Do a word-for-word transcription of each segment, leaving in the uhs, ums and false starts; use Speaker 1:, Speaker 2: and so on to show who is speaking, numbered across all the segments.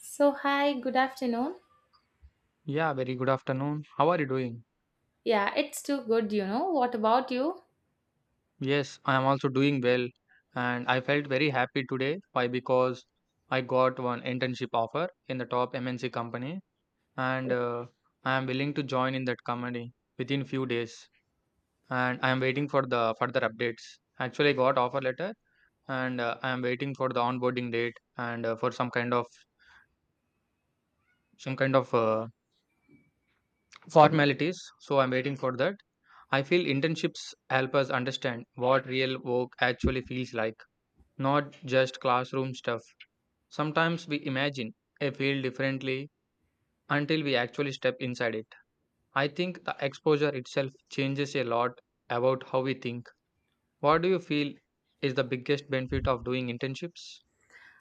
Speaker 1: So, hi, good afternoon.
Speaker 2: Yeah, very good afternoon. How are you doing?
Speaker 1: Yeah, it's too good, you know. What about you?
Speaker 2: Yes, I am also doing well, and I felt very happy today. Why? Because I got one internship offer in the top M N C company, and uh, I am willing to join in that company within few days. And I am waiting for the further updates. Actually, I got offer letter, and uh, I am waiting for the onboarding date and uh, for some kind of some kind of uh, formalities. So I'm waiting for that. I feel internships help us understand what real work actually feels like, not just classroom stuff. Sometimes we imagine a field differently until we actually step inside it. I think the exposure itself changes a lot about how we think. What do you feel is the biggest benefit of doing internships?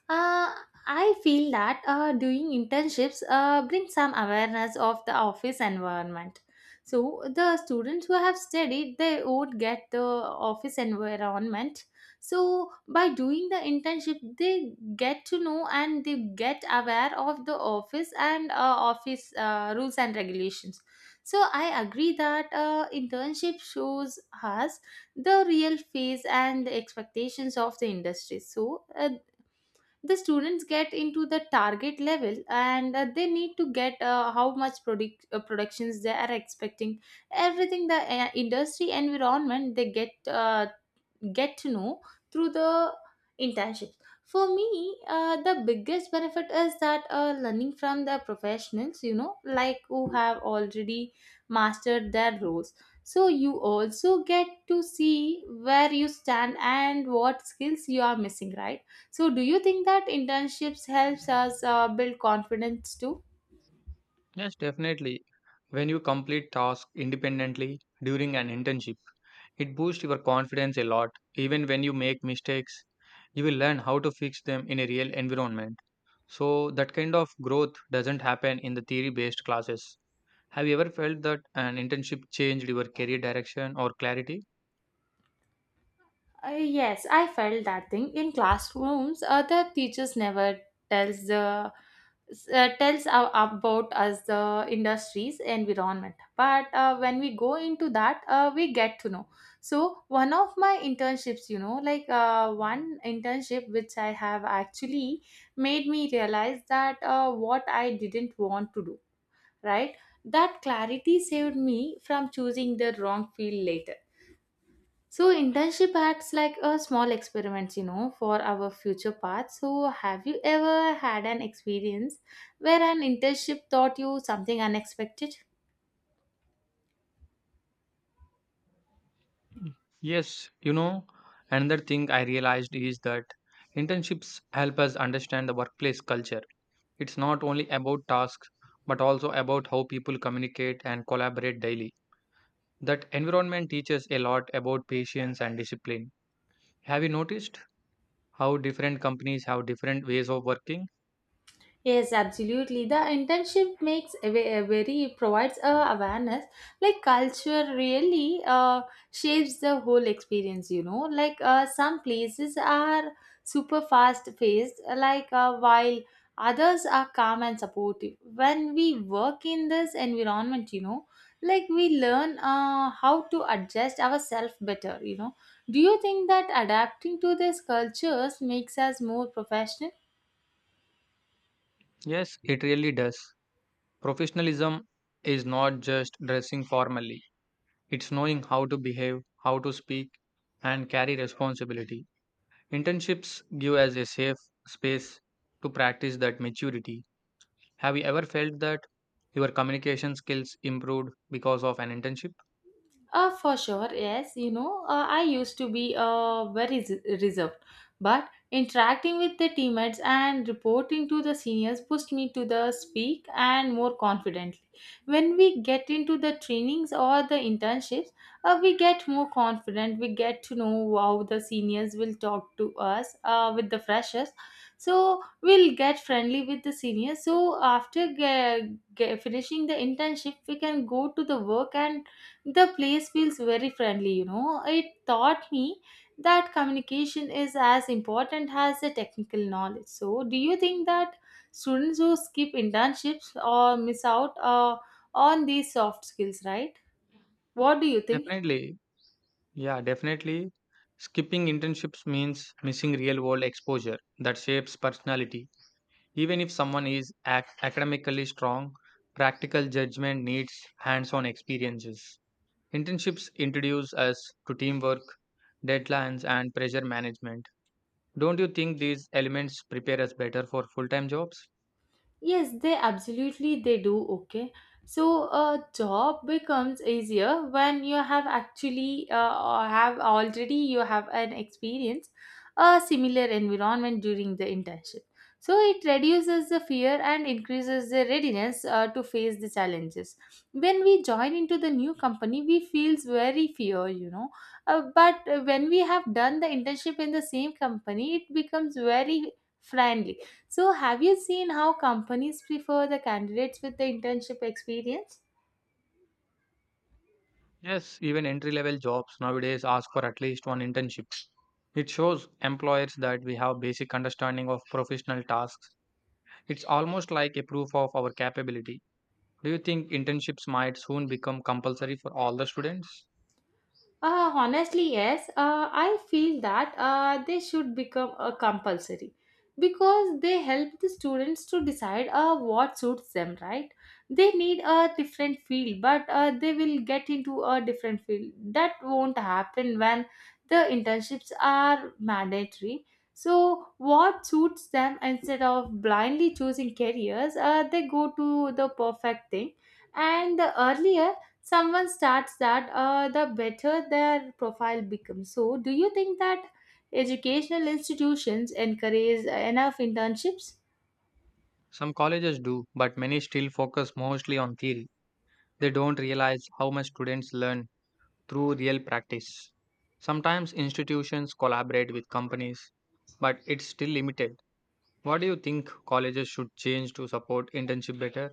Speaker 1: Uh, I feel that uh, doing internships uh, brings some awareness of the office environment. So the students who have studied, they would get the office environment. So by doing the internship, they get to know and they get aware of the office and uh, office uh, rules and regulations. So I agree that uh, internship shows us the real face and the expectations of the industry, so uh, the students get into the target level and uh, they need to get uh, how much product, uh, productions they are expecting, everything the uh, industry environment they get uh, get to know through the internships. For me, uh, the biggest benefit is that uh, learning from the professionals, you know, like who have already mastered their roles. So you also get to see where you stand and what skills you are missing, right? So do you think that internships helps us uh, build confidence too?
Speaker 2: Yes, definitely. When you complete tasks independently during an internship, it boosts your confidence a lot. Even when you make mistakes, you will learn how to fix them in a real environment. So, that kind of growth doesn't happen in the theory based classes. Have you ever felt that an internship changed your career direction or clarity?
Speaker 1: Uh, yes, I felt that thing in classrooms. Other teachers never tells the uh, tells a- about us the industry's environment, but uh, when we go into that, uh, we get to know. So one of my internships, you know, like uh, one internship which I have actually made me realize that uh, what I didn't want to do, right? That clarity saved me from choosing the wrong field later. So internship acts like a small experiments, you know, for our future path. So have you ever had an experience where an internship taught you something unexpected?
Speaker 2: Yes, you know, another thing I realized is that internships help us understand the workplace culture. It's not only about tasks, but also about how people communicate and collaborate daily. That environment teaches a lot about patience and discipline. Have you noticed how different companies have different ways of working?
Speaker 1: Yes, absolutely. The internship makes a ve- a very provides a awareness. Like culture really uh, shapes the whole experience. You know, like uh, some places are super fast paced, like, uh, while others are calm and supportive. When we work in this environment, you know, like we learn uh, how to adjust ourselves better. You know, do you think that adapting to these cultures makes us more professional?
Speaker 2: Yes, it really does. Professionalism is not just dressing formally, it's knowing how to behave, how to speak, and carry responsibility. Internships give us a safe space to practice that maturity. Have you ever felt that your communication skills improved because of an internship?
Speaker 1: Uh, for sure, yes. You know, uh, I used to be uh, very s- reserved, but interacting with the teammates and reporting to the seniors pushed me to the speak and more confidently. When we get into the trainings or the internships, uh, we get more confident. We get to know how the seniors will talk to us uh, with the freshers. So we'll get friendly with the seniors. So after ge- ge- finishing the internship, we can go to the work and the place feels very friendly. You know, it taught me that communication is as important as the technical knowledge. So do you think that students who skip internships or miss out uh, on these soft skills, right? What do you think?
Speaker 2: Definitely, Yeah, definitely. Skipping internships means missing real world exposure that shapes personality. Even if someone is ac- academically strong, practical judgment needs hands on experiences. Internships introduce us to teamwork, deadlines, and pressure management. Don't you think these elements prepare us better for full time jobs?
Speaker 1: Yes, they absolutely they do. Okay, so a job becomes easier when you have actually, uh, or have already you have an experience a similar environment during the internship. So it reduces the fear and increases the readiness uh, to face the challenges. When we join into the new company, we feels very fear, you know. Uh, but when we have done the internship in the same company, it becomes very friendly. So, have you seen how companies prefer the candidates with the internship experience?
Speaker 2: Yes, even entry level jobs nowadays ask for at least one internship. It shows employers that we have basic understanding of professional tasks. It's almost like a proof of our capability. Do you think internships might soon become compulsory for all the students?
Speaker 1: Uh, honestly, yes. Uh, I feel that uh, they should become uh, compulsory, because they help the students to decide uh, what suits them, right? They need a different field, but uh, they will get into a different field. That won't happen when the internships are mandatory. So, what suits them instead of blindly choosing careers, uh, they go to the perfect thing. And the earlier someone starts that, uh, the better their profile becomes. So do you think that educational institutions encourage enough internships?
Speaker 2: Some colleges do, but many still focus mostly on theory. They don't realize how much students learn through real practice. Sometimes institutions collaborate with companies, but it's still limited. What do you think colleges should change to support internship better?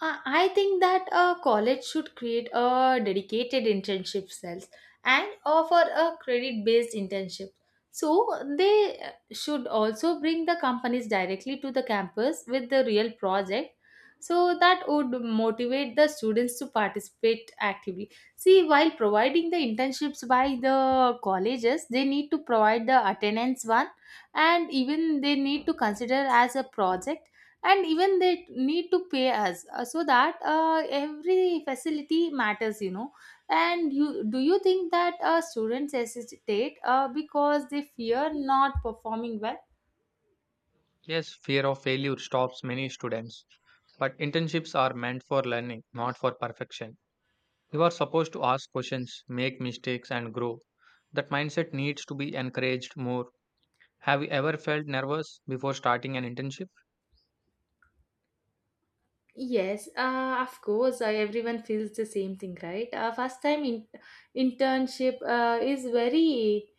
Speaker 1: Uh, I think that a college should create a dedicated internship cells and offer a credit based internship. So they uh, should also bring the companies directly to the campus with the real project. So that would motivate the students to participate actively. See, while providing the internships by the colleges, they need to provide the attendance one, and even they need to consider as a project, and even they need to pay us, uh, so that uh, every facility matters, you know. And you do you think that uh, students hesitate uh, because they fear not performing well?
Speaker 2: Yes, fear of failure stops many students, but internships are meant for learning, not for perfection. You are supposed to ask questions, make mistakes, and grow. That mindset needs to be encouraged more. Have you ever felt nervous before starting an internship?
Speaker 1: Yes, uh, of course, uh, everyone feels the same thing, right? Uh, first time in- internship uh, is very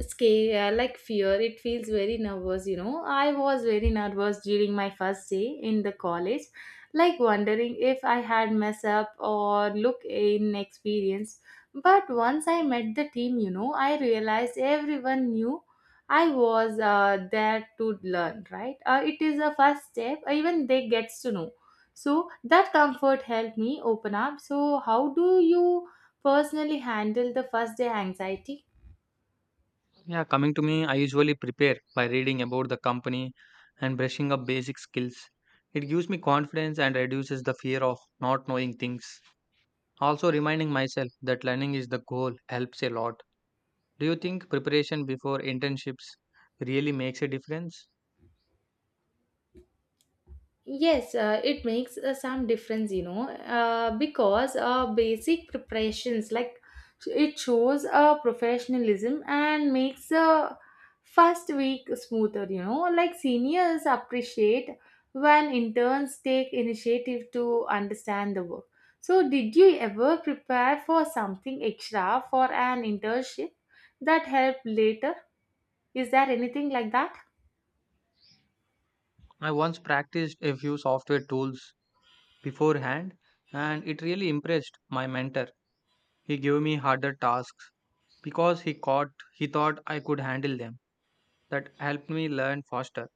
Speaker 1: scare like fear. It feels very nervous, you know. I was very nervous during my first day in the college, like wondering if I had mess up or look inexperienced. But once I met the team, you know, I realized everyone knew I was uh, there to learn, right? Uh, it is a first step, even they gets to know. So that comfort helped me open up. So how do you personally handle the first day anxiety?
Speaker 2: Yeah, coming to me, I usually prepare by reading about the company and brushing up basic skills. It gives me confidence and reduces the fear of not knowing things. Also, reminding myself that learning is the goal helps a lot. Do you think preparation before internships really makes a difference?
Speaker 1: Yes, uh, it makes uh, some difference, you know, uh, because uh, basic preparations like it shows uh, professionalism and makes the first week smoother, you know, like seniors appreciate when interns take initiative to understand the work. So, did you ever prepare for something extra for an internship that helped later? Is there anything like that?
Speaker 2: I once practiced a few software tools beforehand and it really impressed my mentor. He gave me harder tasks because he caught he thought I could handle them. That helped me learn faster.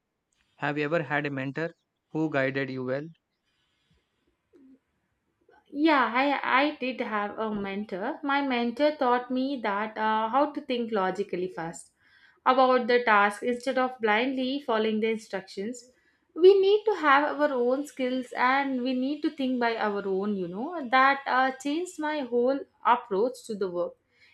Speaker 2: Have you ever had a mentor who guided you well?
Speaker 1: Yeah, I, I did have a mentor. My mentor taught me that uh, how to think logically first about the task instead of blindly following the instructions. We need to have our own skills and we need to think by our own, you know. That uh, changed my whole approach to the work.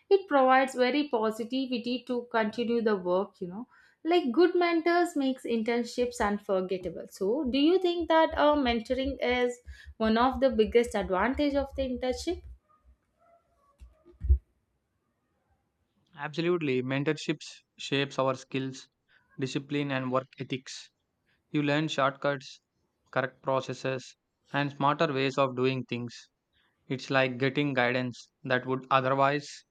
Speaker 1: It provides very positivity to continue the work, you know. Like good mentors makes internships unforgettable. So, do you think that uh, mentoring is one of the biggest advantage of the internship?
Speaker 2: Absolutely. Mentorships shapes our skills, discipline and work ethics. You learn shortcuts, correct processes and smarter ways of doing things. It's like getting guidance that would otherwise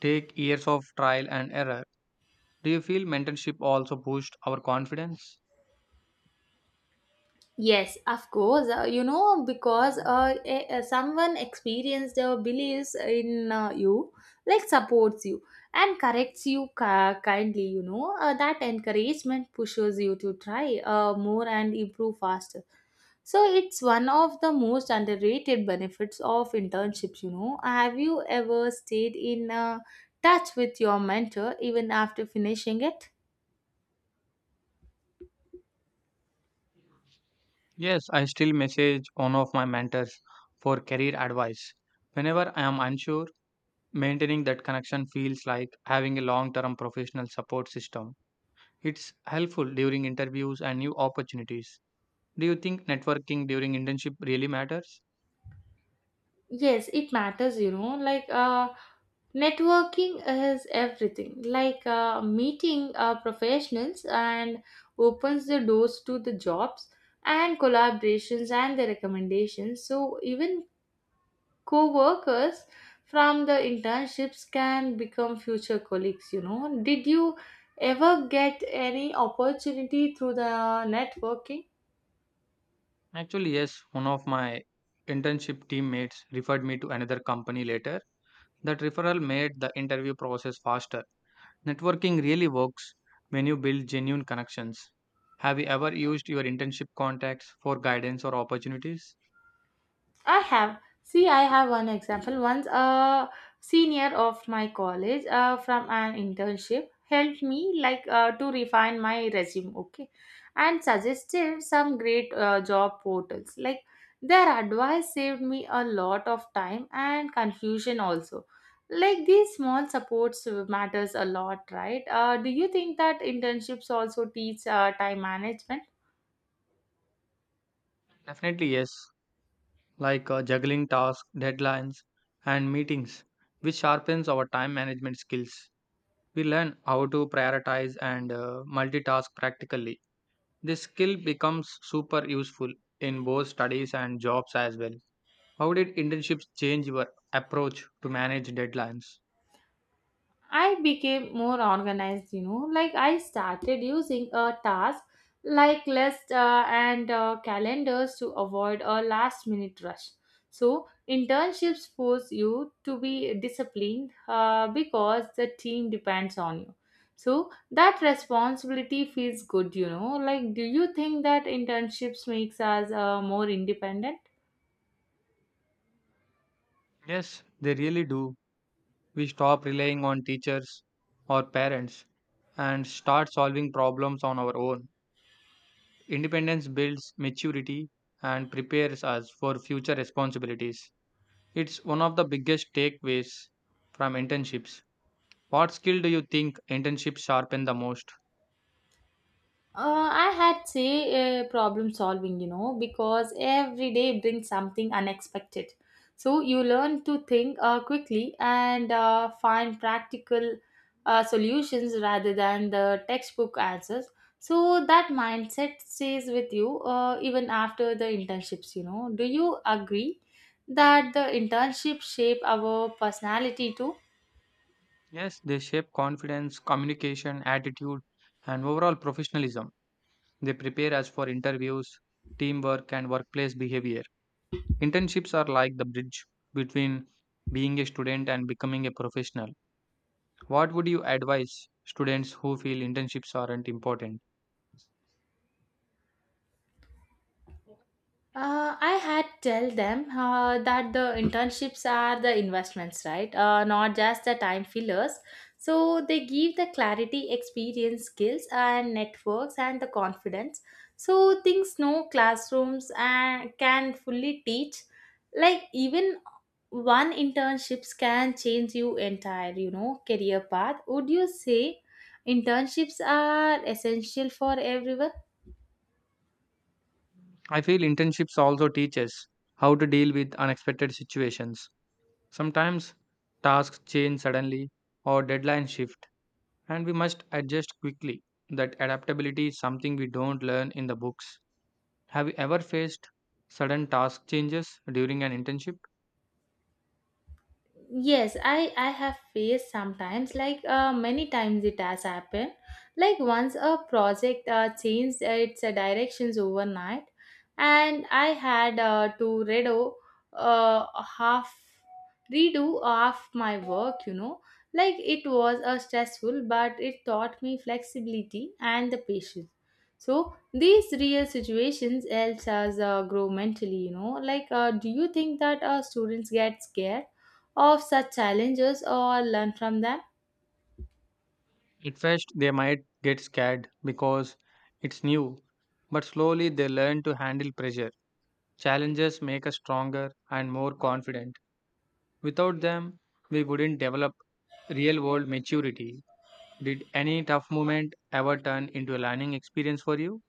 Speaker 2: take years of trial and error. Do you feel mentorship also boost our confidence?
Speaker 1: Yes, of course. Uh, you know, because uh, a, a- someone experienced or believes in uh, you, like supports you and corrects you ki- kindly, you know, uh, that encouragement pushes you to try uh, more and improve faster. So it's one of the most underrated benefits of internships, you know. Have you ever stayed in uh, touch with your mentor even after finishing it?
Speaker 2: Yes, I still message one of my mentors for career advice. Whenever I am unsure, maintaining that connection feels like having a long term professional support system. It's helpful during interviews and new opportunities. Do you think networking during internship really matters?
Speaker 1: Yes, it matters, you know, like uh, networking is everything. Like uh, meeting uh, professionals and opens the doors to the jobs and collaborations and the recommendations. So even co-workers from the internships can become future colleagues, you know. Did you ever get any opportunity through the networking?
Speaker 2: Actually, yes, one of my internship teammates referred me to another company later. That referral made the interview process faster. Networking really works when you build genuine connections. Have you ever used your internship contacts for guidance or opportunities?
Speaker 1: I have. See, I have one example. Once a senior of my college uh, from an internship helped me, like, uh, to refine my resume, okay, and suggested some great uh, job portals. Like their advice saved me a lot of time and confusion also. Like these small supports matters a lot, right? Uh, do you think that internships also teach uh, time management?
Speaker 2: Definitely, yes, like uh, juggling tasks, deadlines, and meetings, which sharpens our time management skills. We learn how to prioritize and uh, multitask practically. This skill becomes super useful in both studies and jobs as well. How did internships change your approach to manage deadlines?
Speaker 1: I became more organized, you know, like I started using a task like list uh, and uh, calendars to avoid a last minute rush. So, internships force you to be disciplined uh, because the team depends on you. So, that responsibility feels good, you know. Like, do you think that internships makes us uh, more independent?
Speaker 2: Yes, they really do. We stop relying on teachers or parents and start solving problems on our own. Independence builds maturity and prepares us for future responsibilities. It's one of the biggest takeaways from internships. What skill do you think internships sharpen the most?
Speaker 1: Uh, I had say uh, problem solving, you know, because every day brings something unexpected. So you learn to think uh, quickly and uh, find practical uh, solutions rather than the textbook answers. So that mindset stays with you uh, even after the internships, you know. Do you agree that the internship shape our personality too?
Speaker 2: Yes, they shape confidence, communication, attitude, and overall professionalism. They prepare us for interviews, teamwork, and workplace behavior. Internships are like the bridge between being a student and becoming a professional. What would you advise students who feel internships aren't important?
Speaker 1: Uh, I had tell them uh, that the internships are the investments, right? Uh, not just the time fillers. So they give the clarity, experience, skills, and networks, and the confidence. So things no classrooms and can fully teach. Like even one internships can change you entire, you know, career path. Would you say internships are essential for everyone?
Speaker 2: I feel internships also teach us how to deal with unexpected situations. Sometimes tasks change suddenly or deadlines shift, and we must adjust quickly. That adaptability is something we don't learn in the books. Have you ever faced sudden task changes during an internship?
Speaker 1: Yes, i i have faced sometimes, like, uh, many times it has happened. Like once a project uh, changed its uh, directions overnight, and I had uh, to redo uh, half redo half my work, you know. Like it was a stressful, but it taught me flexibility and the patience. So these real situations helps us uh, grow mentally, you know. Like uh, do you think that uh, students get scared of such challenges or learn from them?
Speaker 2: At first, they might get scared because it's new, but slowly they learn to handle pressure. Challenges make us stronger and more confident. Without them, we wouldn't develop real world maturity. Did any tough moment ever turn into a learning experience for you?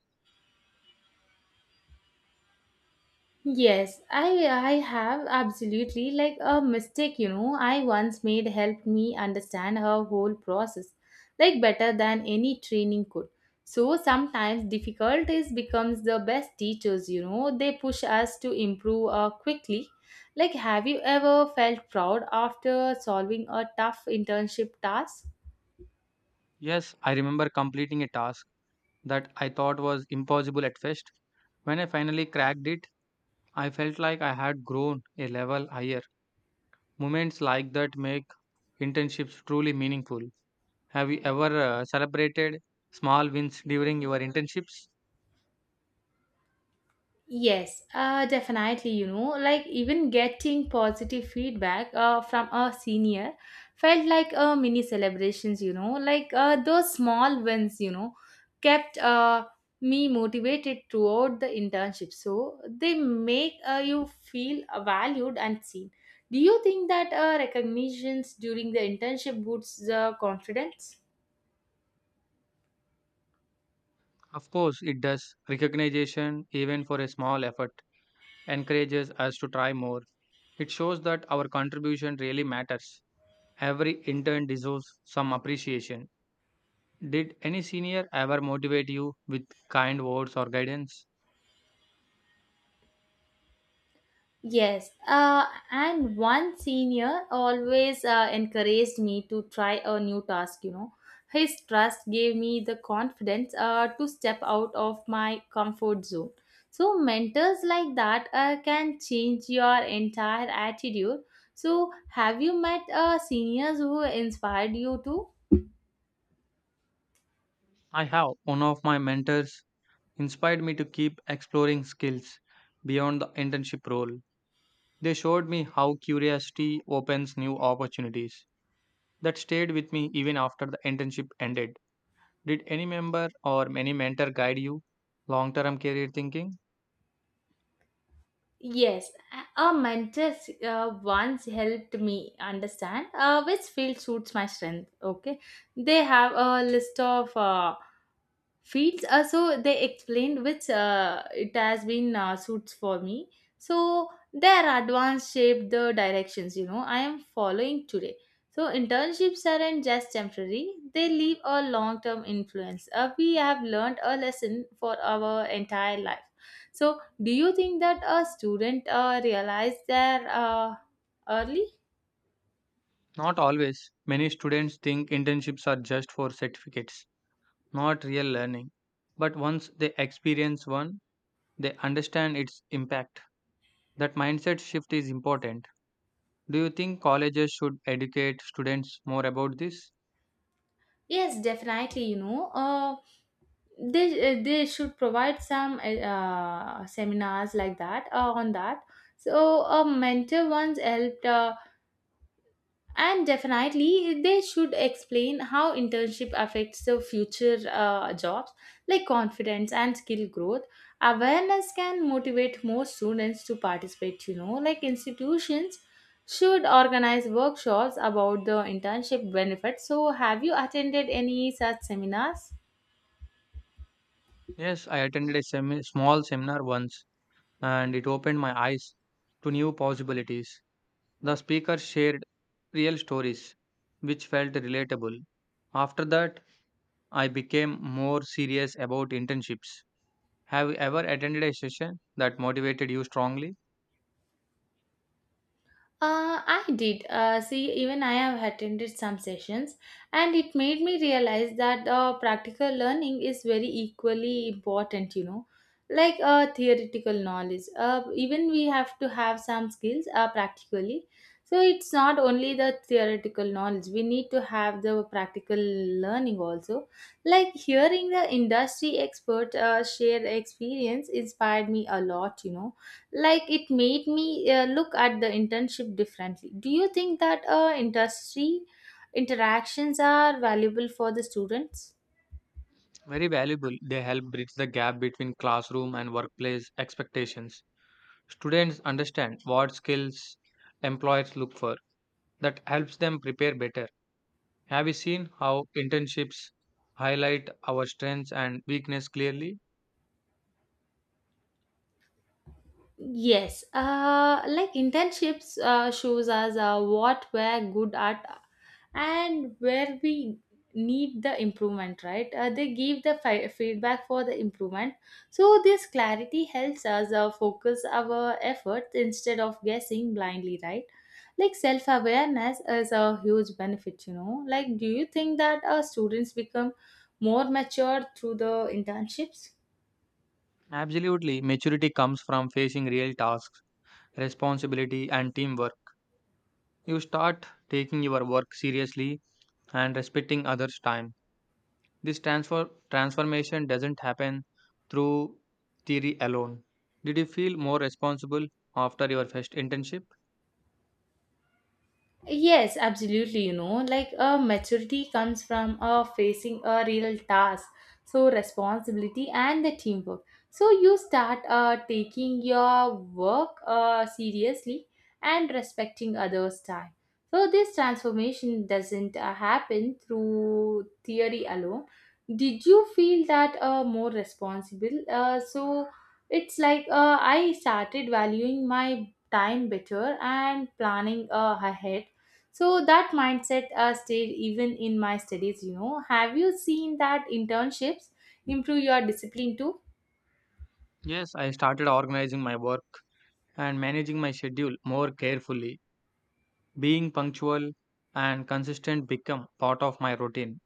Speaker 1: Yes, I I have absolutely, like a mistake, you know, I once made helped me understand her whole process like better than any training could. So sometimes difficulties becomes the best teachers, you know. They push us to improve uh, quickly. Like have you ever felt proud after solving a tough internship task?
Speaker 2: Yes, I remember completing a task that I thought was impossible at first. When I finally cracked it, I felt like I had grown a level higher. Moments like that make internships truly meaningful. Have you ever uh, celebrated small wins during your internships?
Speaker 1: Yes, uh, definitely. You know, like even getting positive feedback uh, from a senior felt like a mini celebrations. You know, like uh, those small wins, you know, kept uh, me motivated throughout the internship. So they make uh, you feel valued and seen. Do you think that uh, recognitions during the internship boosts the confidence?
Speaker 2: Of course, it does. Recognition, even for a small effort, encourages us to try more. It shows that our contribution really matters. Every intern deserves some appreciation. Did any senior ever motivate you with kind words or guidance?
Speaker 1: Yes, uh, and one senior always uh, encouraged me to try a new task, you know. His trust gave me the confidence uh, to step out of my comfort zone. So, mentors like that uh, can change your entire attitude. So, have you met uh, seniors who inspired you too?
Speaker 2: I have. One of my mentors inspired me to keep exploring skills beyond the internship role. They showed me how curiosity opens new opportunities. That stayed with me even after the internship ended. Did any member or any mentor guide you long term career thinking?
Speaker 1: Yes, a a mentor uh, once helped me understand uh, which field suits my strength. Okay, they have a list of uh, feeds uh, so they explained which uh, it has been uh, suits for me, so their advanced shape the directions, you know, I am following today. So internships aren't just temporary, they leave a long term influence, uh, we have learned a lesson for our entire life. So do you think that a student uh, realize their uh, early?
Speaker 2: Not always. Many students think internships are just for certificates, not real learning. But once they experience one, they understand its impact. That mindset shift is important. Do you think colleges should educate students more about this?
Speaker 1: Yes, definitely, you know, uh, they uh, they should provide some uh, uh, seminars like that uh, on that. So a mentor once helped, uh, and definitely they should explain how internship affects the future uh, jobs, like confidence and skill growth. Awareness can motivate more students to participate, you know, like institutions should organize workshops about the internship benefits. So have you attended any such seminars?
Speaker 2: Yes, I attended a semi- small seminar once and it opened my eyes to new possibilities. The speaker shared real stories which felt relatable. After that, I became more serious about internships. Have you ever attended a session that motivated you strongly?
Speaker 1: Uh, I did. Uh, see, even I have attended some sessions, and it made me realize that uh, practical learning is very equally important, you know, like uh, theoretical knowledge. Uh, even we have to have some skills uh, practically. So it's not only the theoretical knowledge, we need to have the practical learning also. Like hearing the industry expert uh, share experience inspired me a lot, you know, like it made me uh, look at the internship differently. Do you think that uh, industry interactions are valuable for the students?
Speaker 2: Very valuable. They help bridge the gap between classroom and workplace expectations. Students understand what skills employers look for. That helps them prepare better. Have you seen how internships highlight our strengths and weakness clearly?
Speaker 1: Yes, uh, like internships uh, shows us uh, what we're good at and where we need the improvement, right? Uh, they give the fi- feedback for the improvement. So, this clarity helps us uh, focus our efforts instead of guessing blindly, right? Like self awareness is a huge benefit, you know. Like, do you think that uh, students become more mature through the internships?
Speaker 2: Absolutely. Maturity comes from facing real tasks, responsibility, and teamwork. You start taking your work seriously and respecting others' time. This transfer transformation doesn't happen through theory alone. Did you feel more responsible after your first internship?
Speaker 1: Yes, absolutely. You know, like a maturity comes from a facing a real task, so responsibility and the teamwork. So you start uh, taking your work uh, seriously and respecting others' time. So this transformation doesn't uh, happen through theory alone. Did you feel that uh, more responsible? Uh, so it's like uh, I started valuing my time better and planning uh, ahead, so that mindset uh, stayed even in my studies, you know. Have you seen that internships improve your discipline too?
Speaker 2: Yes, I started organizing my work and managing my schedule more carefully. Being punctual and consistent become part of my routine.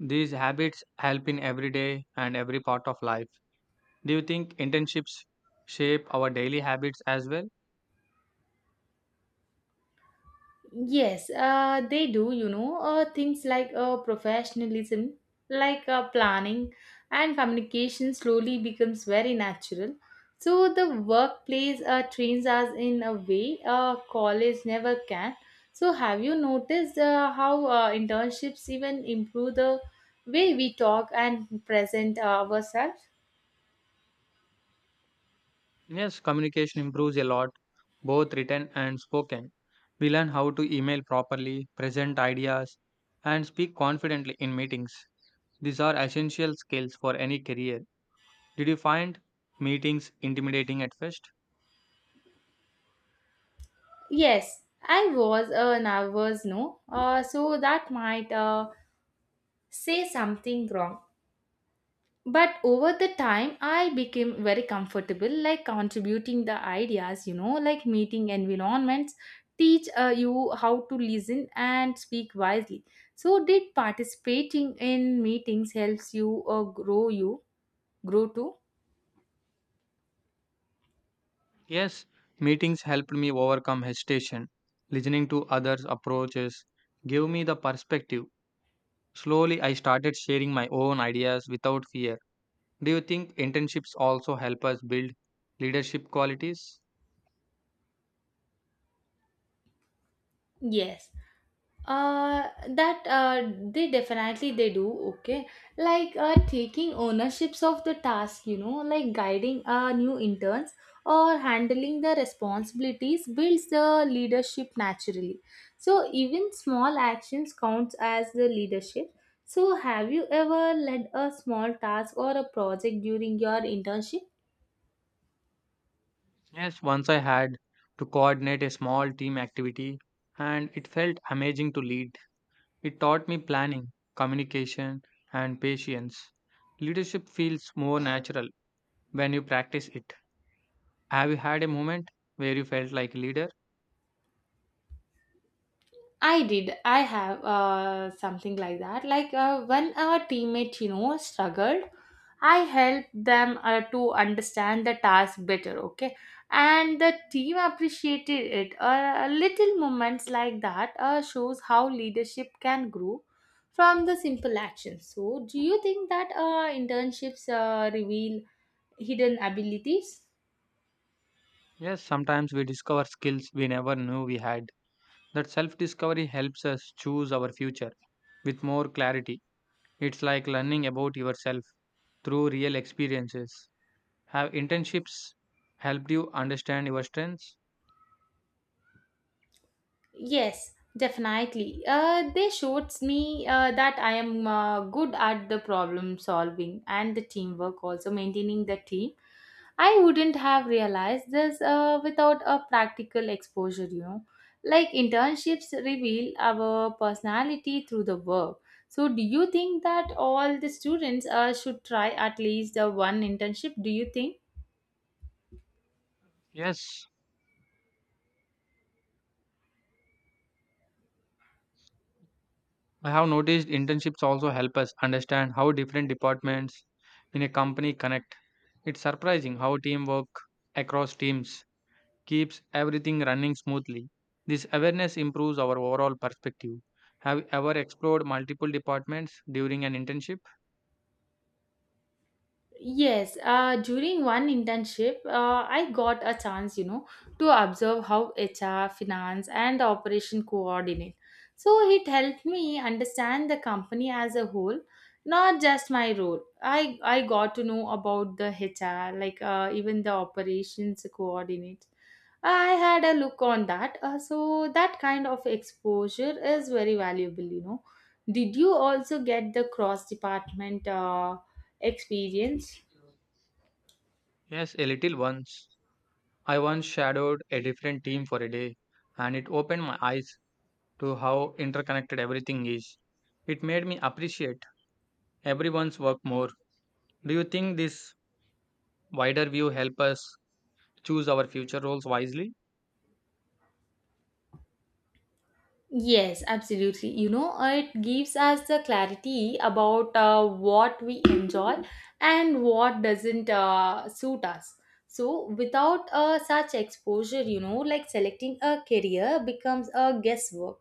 Speaker 2: These habits help in every day and every part of life. Do you think internships shape our daily habits as well?
Speaker 1: Yes, uh, they do, you know, uh, things like uh, professionalism, like uh, planning and communication slowly becomes very natural. So the workplace uh, trains us in a way uh, college never can. So have you noticed uh, how uh, internships even improve the way we talk and present uh, ourselves?
Speaker 2: Yes, communication improves a lot, both written and spoken. We learn how to email properly, present ideas, and speak confidently in meetings. These are essential skills for any career. Did you find meetings intimidating at first?
Speaker 1: Yes, I was uh, nervous, no? Uh, so that might uh, say something wrong. But over the time, I became very comfortable, like contributing the ideas, you know, like meeting environments, teach uh, you how to listen and speak wisely. So, did participating in meetings helps you uh, grow you grow too?
Speaker 2: Yes, meetings helped me overcome hesitation. Listening to others' approaches gave me the perspective. Slowly, I started sharing my own ideas without fear. Do you think internships also help us build leadership qualities?
Speaker 1: Yes. uh that uh they definitely they do. Okay, like uh taking ownerships of the task, you know, like guiding uh new interns or handling the responsibilities builds the leadership naturally. So even small actions counts as the leadership. So have you ever led a small task or a project during your internship?
Speaker 2: Yes, once I had to coordinate a small team activity and it felt amazing to lead. It taught me planning, communication, and patience. Leadership feels more natural when you practice it. Have you had a moment where you felt like a leader?
Speaker 1: I did. I have uh, something like that. Like uh, when our teammate, you know, struggled, I helped them uh, to understand the task better. Okay, and the team appreciated it. Uh, little moments like that uh, shows how leadership can grow from the simple actions. So, do you think that uh, internships uh, reveal hidden abilities?
Speaker 2: Yes, sometimes we discover skills we never knew we had. That self discovery helps us choose our future with more clarity. It's like learning about yourself through real experiences. Have internships helped you understand your strengths?
Speaker 1: Yes, definitely. Uh, they showed me uh, that I am uh, good at the problem solving and the teamwork, also maintaining the team. I wouldn't have realized this uh, without a practical exposure, you know. Like internships reveal our personality through the work. So, do you think that all the students uh, should try at least uh, one internship? Do you think?
Speaker 2: Yes, I have noticed internships also help us understand how different departments in a company connect. It's surprising how teamwork across teams keeps everything running smoothly. This awareness improves our overall perspective. Have you ever explored multiple departments during an internship?
Speaker 1: Yes, uh, during one internship, uh, I got a chance, you know, to observe how H R, finance, and operation coordinate. So it helped me understand the company as a whole, not just my role. I I got to know about the H R, like uh, even the operations coordinate. I had a look on that, uh, so that kind of exposure is very valuable, you know. Did you also get the cross department uh, experience?
Speaker 2: Yes, a little once. I once shadowed a different team for a day, and it opened my eyes to how interconnected everything is. It made me appreciate everyone's work more. Do you think this wider view help us choose our future roles wisely?
Speaker 1: Yes, absolutely. You know, it gives us the clarity about uh, what we enjoy and what doesn't uh, suit us. So, without uh, such exposure, you know, like selecting a career becomes a guesswork.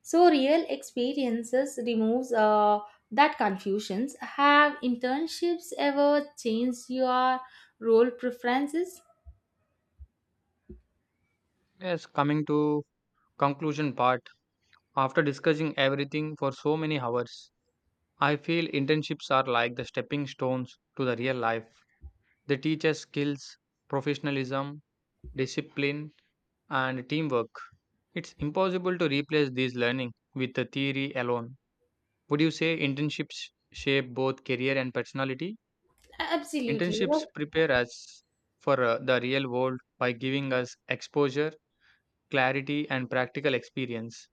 Speaker 1: So, real experiences removes uh, that confusions. Have internships ever changed your role preferences?
Speaker 2: Yes, coming to conclusion part, after discussing everything for so many hours, I feel internships are like the stepping stones to the real life. They teach us skills, professionalism, discipline, and teamwork. It's impossible to replace this learning with the theory alone. Would you say internships shape both career and personality?
Speaker 1: Absolutely.
Speaker 2: Internships prepare us for uh, the real world by giving us exposure, clarity, and practical experience.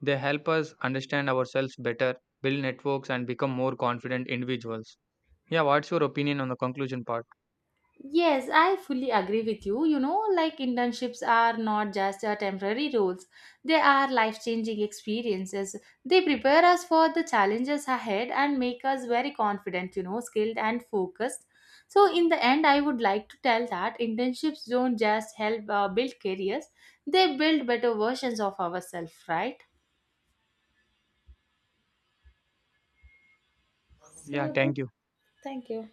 Speaker 2: They help us understand ourselves better, build networks, and become more confident individuals. Yeah, what's your opinion on the conclusion part?
Speaker 1: Yes, I fully agree with you. You know, like internships are not just uh, temporary roles, they are life changing experiences. They prepare us for the challenges ahead and make us very confident, you know, skilled and focused. So, in the end, I would like to tell that internships don't just help uh, build careers, they build better versions of ourselves, right? So,
Speaker 2: Yeah,
Speaker 1: that's-
Speaker 2: thank you.
Speaker 1: thank you.